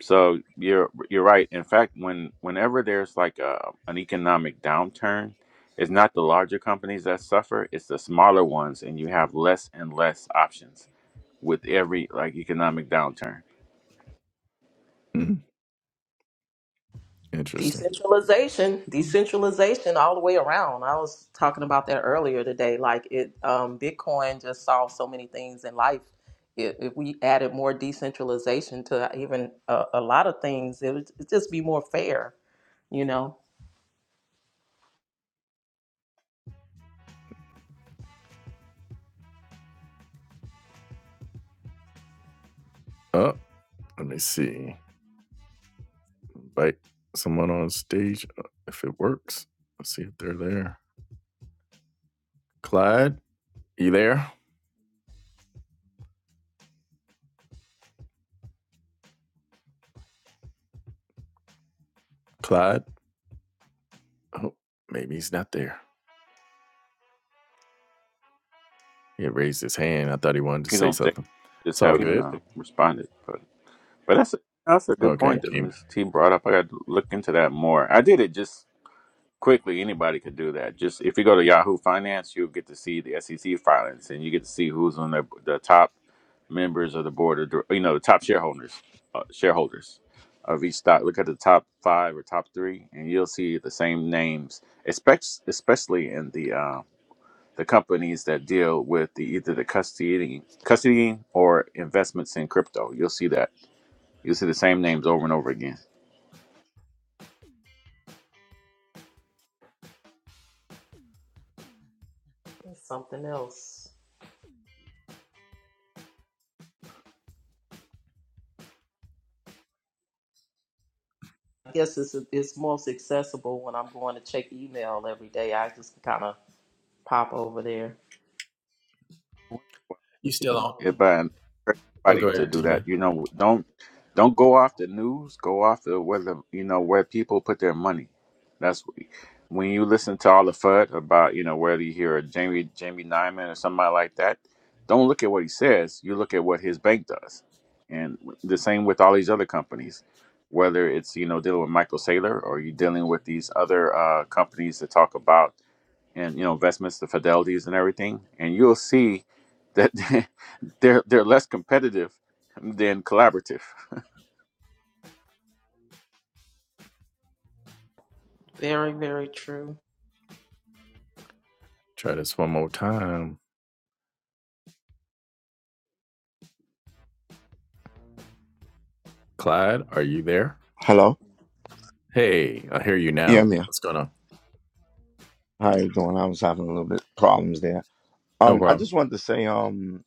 E: So you're you're right. In fact, when whenever there's like a an economic downturn, it's not the larger companies that suffer, it's the smaller ones, and you have less and less options with every like economic downturn.
A: Mhm. Interesting.
D: decentralization decentralization all the way around i was talking about that earlier today like it um, bitcoin just solved so many things in life if, if we added more decentralization to even a, a lot of things it would just be more fair you know
A: Oh, let me see. Invite someone on stage uh, if it works. Let's see if they're there. Clyde, you there? Clyde? Oh, maybe he's not there. He had raised his hand. I thought he wanted to
E: Please
A: say
E: don't stay.
A: something. It's
E: Just
A: all
E: haven't
A: good.
E: uh, responded, but but that's a, that's a good
A: Okay,
E: point that
A: came.
E: Miss T brought up. I got to look into that more. I did it just quickly. Anybody could do that. Just if you go to Yahoo Finance, you'll get to see the SEC filings, and you get to see who's on the the top. members of the board of dir- you know the top shareholders uh, shareholders of each stock look at the top five or top three and you'll see the same names espec- especially in the uh, the companies that deal with the either the custodying custodying or investments in crypto you'll see that you'll see the same names over and over again
D: It's something else i guess it's, it's most accessible when i'm going to check email every day i just kind of pop over there
A: You s-
E: Yeah, but I encourage
A: oh,
E: everybody
A: go
E: to
A: ahead,
E: do
A: Tiva.
E: that. You know, don't don't go off the news. Go off the where the you know where people put their money. That's what- when you listen to all the FUD about you know whether you hear a Jamie Jamie Dimon or somebody like that. Don't look at what he says. You look at what his bank does, and the same with all these other companies. Whether it's you know dealing with Michael Saylor or you're dealing with these other uh, companies that talk about and you know investments, the fidelities and everything, and you'll see that they're they're less competitive than collaborative.
D: very very true
A: Try this one more time. Clyde, are you there?
F: Hello.
A: Hey, I hear you
F: Yeah,
A: now.
F: I'm here.
A: What's going on?
F: How you doing? I was having a little bit problems there.
A: No
F: Um, I
A: problem.
F: just wanted to say, um,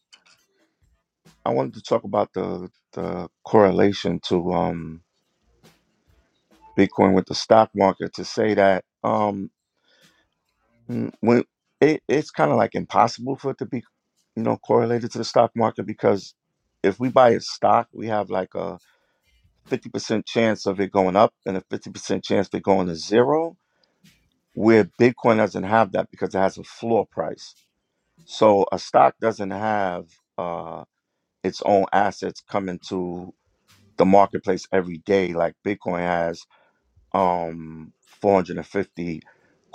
F: I wanted to talk about the the correlation to um Bitcoin with the stock market to say that um mm, when it, it's kind of like impossible for it to be you know correlated to the stock market because if we buy a stock, we have like a fifty percent chance of it going up and a fifty percent chance of it going to zero. Where Bitcoin doesn't have that because it has a floor price. So a stock doesn't have uh, its own assets coming to the marketplace every day, like Bitcoin has um, 450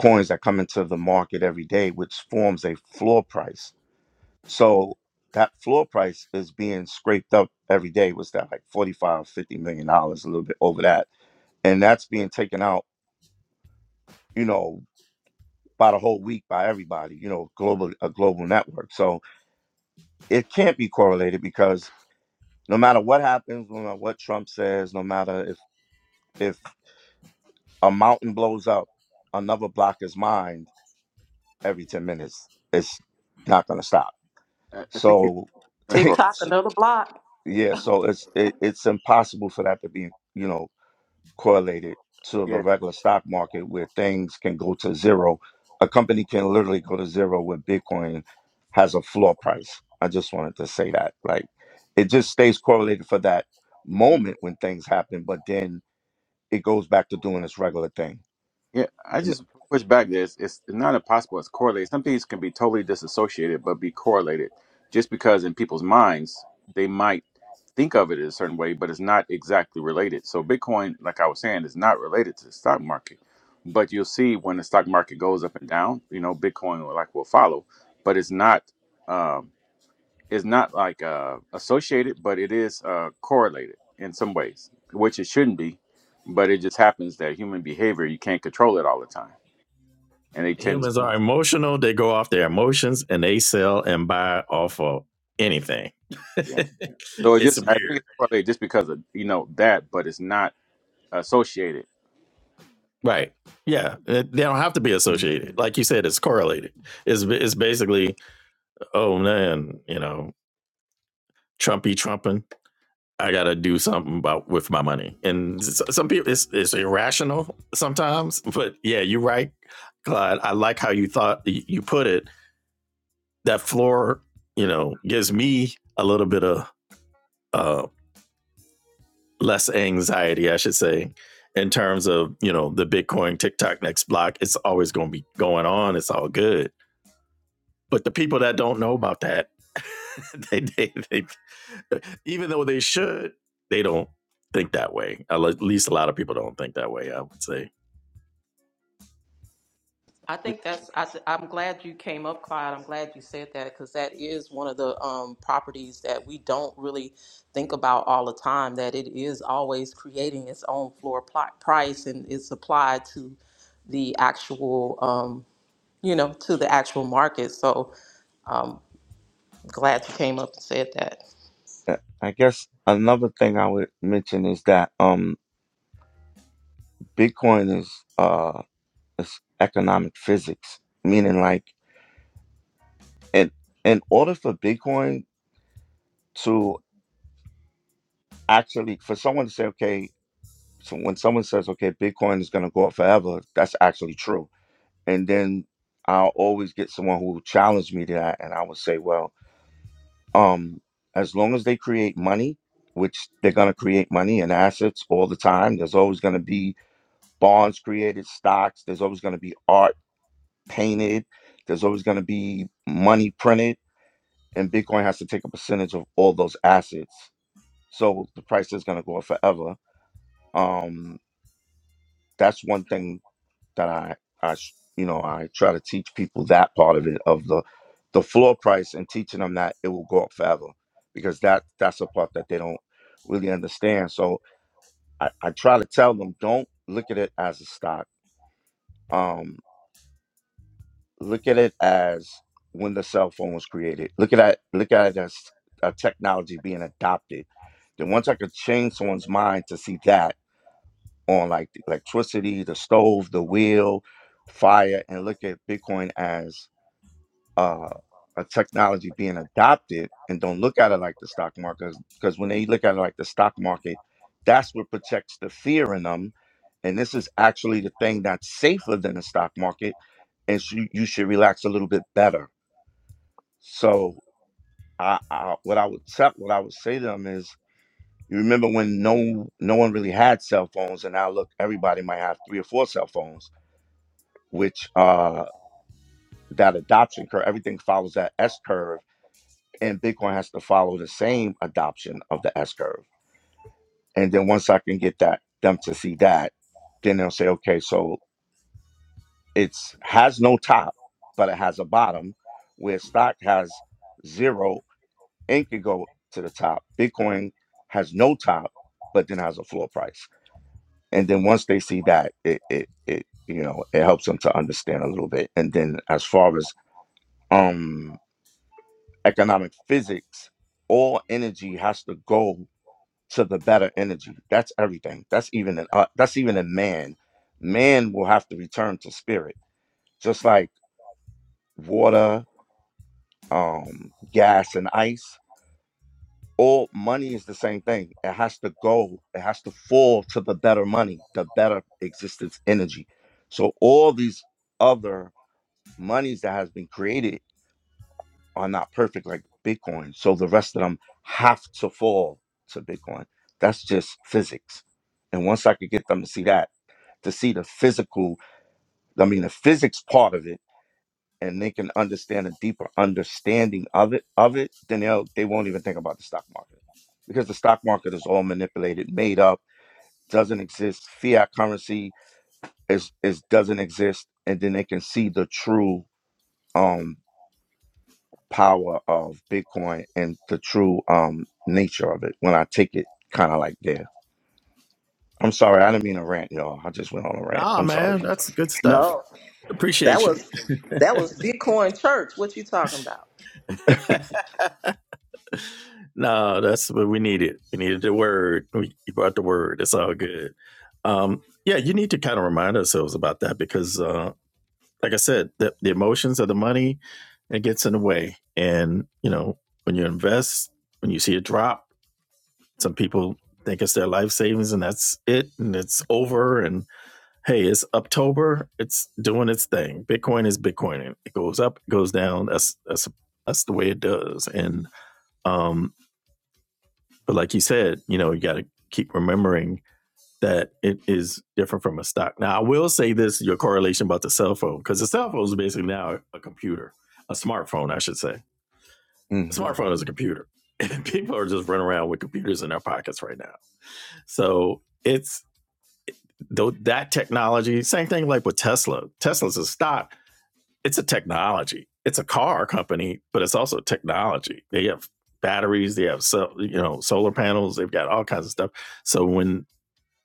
F: coins that come into the market every day, which forms a floor price. So that floor price is being scraped up every day. Was that like forty five fifty million dollars, a little bit over that, and that's being taken out, you know, by the whole week by everybody, you know, global a global network. So it can't be correlated because No matter what happens, no matter what Trump says, no matter if if a mountain blows up, another block is mined every 10 minutes. It's not going to stop.
E: I I think you
F: So
E: can
D: tiktok
F: it's-
D: another block
F: yeah, so it's it, it's impossible for that to be, you know, correlated to the regular stock market where things can go to zero. A company can literally go to zero where Bitcoin has a floor price. I just wanted to say that. Like it just stays correlated for that moment when things happen, but then it goes back to doing its regular thing.
E: Yeah, I
F: N-
E: just push back this. It's, it's not impossible. It's correlated. Some things can be totally disassociated, but be correlated. Just because in people's minds they might think of it in a certain way, but it's not exactly related. So Bitcoin, like I was saying, is not related to the stock market. But you'll see when the stock market goes up and down, you know, Bitcoin will like will follow. But it's not. um, is not like uh, associated, but it is uh, correlated in some ways, which it shouldn't be. But it just happens that human behavior you can't control it all the time, and they tend to
A: Humans are emotional. They go off their emotions and they sell and buy off of anything.
E: yeah. So it
A: it's
E: just I think
A: weird.
E: it's correlated just because of you know that, but it's not associated.
A: Right. Yeah. They don't have to be
F: Mhm.
A: associated. Like you said, it's correlated. It's, it's basically, oh man, you know, Trumpy trumping. I got to do something about with my money. And some people, it's, it's irrational sometimes. But yeah, you're right, Clyde. I like how you thought you put it. That floor, you know, gives me a little bit of, um, less anxiety, I should say, in terms of, you know, the Bitcoin TikTok next block. It's always going to be going on. It's all good. But the people that don't know about that, they, they, they, even though they should, they don't think that way. At least a lot of people don't think that way, I would say.
D: I think that's. I, th- I'm glad you came up, Clyde. I'm glad you said that because that is one of the um, properties that we don't really think about all the time. That it is always creating its own floor pli- price and it's applied to the actual, um, you know, to the actual market. So um, glad you came up and said that.
F: Uh, I guess another thing I would mention is that um, Bitcoin is uh, is economic physics, meaning like in in order for Bitcoin to actually for someone to say, okay, so when someone says okay bitcoin is going to go up forever that's actually true and then i'll always get someone who will challenge me to that and i will say well um as long as they create money which they're going to create money and assets all the time there's always going to be bonds created stocks there's always going to be art painted there's always going to be money printed and bitcoin has to take a percentage of all those assets so the price is going to go up forever um that's one thing that I I sh- you know I try to teach people that part of it of the the floor price and teaching them that it will go up forever because that that's a part that they don't really understand. So I, I try to tell them don't look at it as a stock. Um, look at it as when the cell phone was created. Look at that. Look at it as a technology being adopted. Then once I could change someone's mind to see that on like the electricity, the stove, the wheel, fire, and look at Bitcoin as uh, a technology being adopted and don't look at it like the stock market because when they look at it like the stock market that's what protects the fear in them and this is actually the thing that's safer than the stock market and so you should relax a little bit better so I, I what i would tell what i would say to them is you remember when no no one really had cell phones and now look everybody might have three or four cell phones which uh that adoption curve everything follows that s curve and Bitcoin has to follow the same adoption of the S curve. And then once I can get that them to see that, then they'll say, okay, so it's has no top, but it has a bottom, where stock has zero and can go to the top. Bitcoin has no top, but then has a floor price. And then once they see that, it it it you know it helps them to understand a little bit. And then as far as um economic physics, all energy has to go to the better energy. That's everything. That's even in uh, that's even in man. Man will have to return to spirit, just like water, um, gas, and ice. All money is the same thing. It has to go. It has to fall to the better money, the better existence energy. So all these other monies that has been created are not perfect like Bitcoin. So the rest of them have to fall to Bitcoin. That's just physics. And once I could get them to see that. to see the physical, I mean, the physics part of it, and they can understand a deeper understanding of it, of it, then they'll, they won't even think about the stock market because the stock market is all manipulated, made up, doesn't exist. Fiat currency is, is doesn't exist. And then they can see the true, um, power of Bitcoin and the true, um, nature of it when I take it kind of like there. I'm sorry. I didn't mean to rant y'all. I just went on a rant.
A: Nah,
F: I'm sorry.
A: man, that's good stuff.
D: No, that
A: Appreciate you.
D: was That was Bitcoin Church. What you talking about?
A: no, that's what we needed. We needed the word. We, you brought the word. It's all good. Um, yeah, you need to kind of remind ourselves about that because uh, like I said, the, the emotions of the money, it gets in the way. And, you know, when you invest, when you see a drop, some people think it's their life savings and that's it and it's over. And hey, it's October, it's doing its thing. Bitcoin is Bitcoin. It goes up, it goes down. That's that's that's the way it does. And um, but like you said, you know, you gotta keep remembering that it is different from a stock. Now, I will say this: your correlation about the cell phone, because the cell phone is basically now a computer, a smartphone, I should say. A smartphone is a computer, and people are just running around with computers in their pockets right now. So it's though that technology. Same thing like with Tesla. Tesla's a stock. It's a technology. It's a car company, but it's also technology. They have batteries. They have so you know solar panels. They've got all kinds of stuff. So when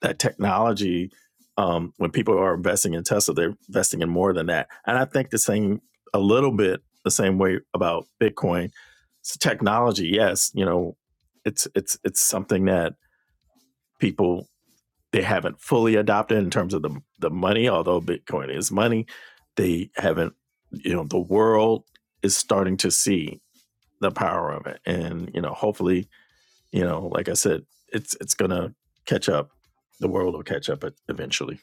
A: that technology um, when people are investing in tesla they're investing in more than that and i think the same a little bit the same way about bitcoin it's technology yes you know it's it's it's something that people they haven't fully adopted in terms of the the money although bitcoin is money they haven't you know the world is starting to see the power of it and you know hopefully you know like i said it's it's gonna catch up the world will catch up e- eventually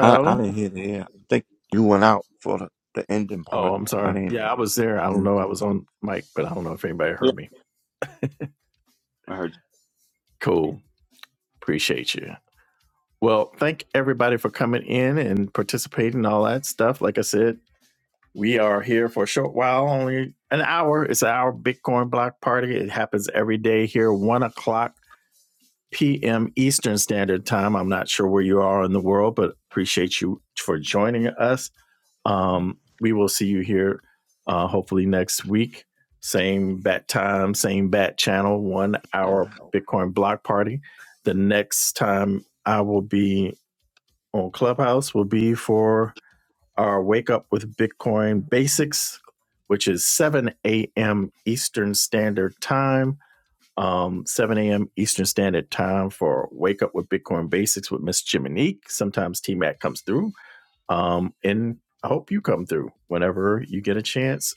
F: I, I didn't hear the end. I think you went out for the, the ending
A: oh,
F: part.
A: I'm sorry.
F: I
A: Yeah, I was there. I don't
F: didn't.
A: know. I was on mic, but I don't know if anybody
E: Yeah,
A: heard me.
E: I heard
A: Cool. Appreciate you. Well, thank everybody for coming in and participating, and all that stuff. Like I said, we are here for a short while, only an hour. It's our Bitcoin block party. It happens every day here, one o'clock p.m. Eastern Standard Time. I'm not sure where you are in the world, but appreciate you for joining us. Um, we will see you here uh, hopefully next week. Same bat time, same bat channel, one hour Bitcoin block party. The next time I will be on Clubhouse will be for our Wake Up with Bitcoin Basics, which is 7 a.m. Eastern Standard Time. Um, 7 a.m. Eastern Standard Time for Wake Up with Bitcoin Basics with Miss Jiminique. Sometimes T Mac comes through um, and I hope you come through whenever you get a chance.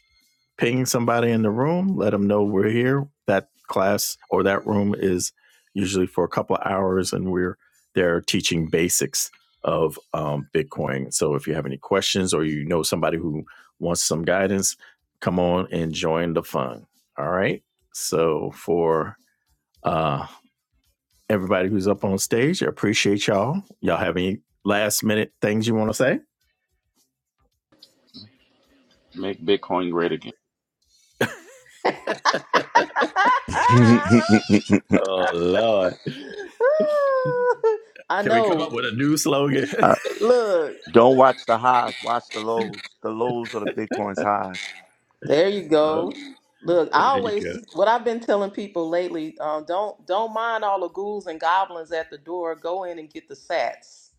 A: Ping somebody in the room, let them know we're here. That class or that room is usually for a couple of hours, and we're there teaching basics of um, Bitcoin. So if you have any questions or you know somebody who wants some guidance, come on and join the fun. All right. So for uh, everybody who's up on stage. I appreciate y'all. Y'all have any last minute things you want to say?
E: you. make Bitcoin great again.
A: Oh Lord,
D: I
A: can we come
D: know.
A: up with a new slogan?
F: Uh,
D: Look.
F: Don't watch the highs, watch the lows. The lows are the Bitcoin's highs.
D: There you
A: Oh,
D: go. Look,
A: there
D: I
A: you
D: always
A: go.
D: what I've been telling people lately, um, don't don't mind all the ghouls and goblins at the door. Go in and get the sats.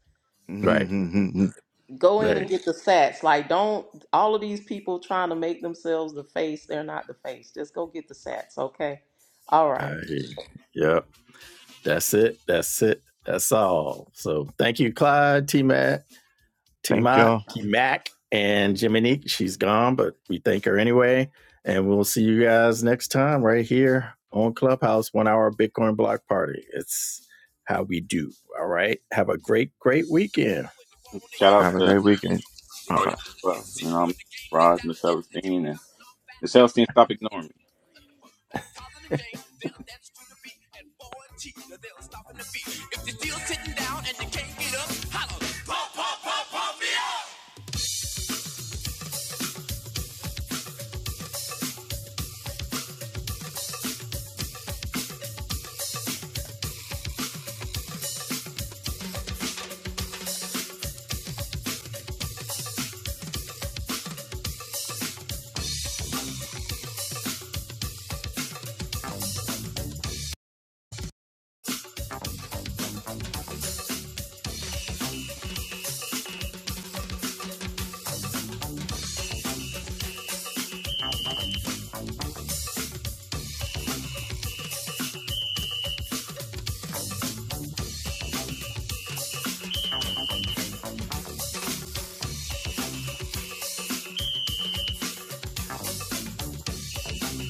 A: Right,
D: Go in
A: right.
D: and get the sats. Like don't all of these people trying to make themselves the face, they're not the face. Just go get the sats, okay? All right.
A: Hey, Yep, that's it. That's it. That's all. So thank you, Clyde T Mac.
F: Thank
A: Tima,
F: y'all.
A: Mac, and Jiminique. She's gone, but we thank her anyway. And we'll see you guys next time right here on Clubhouse, one hour Bitcoin block party. It's how we do. All right. Have a great, great weekend.
E: Shout out
F: Have a
E: to
F: great weekend.
E: I
F: All
E: always
F: right.
E: well, you know Rod, Miss Celestine, and Miss Celestine, stop ignoring me.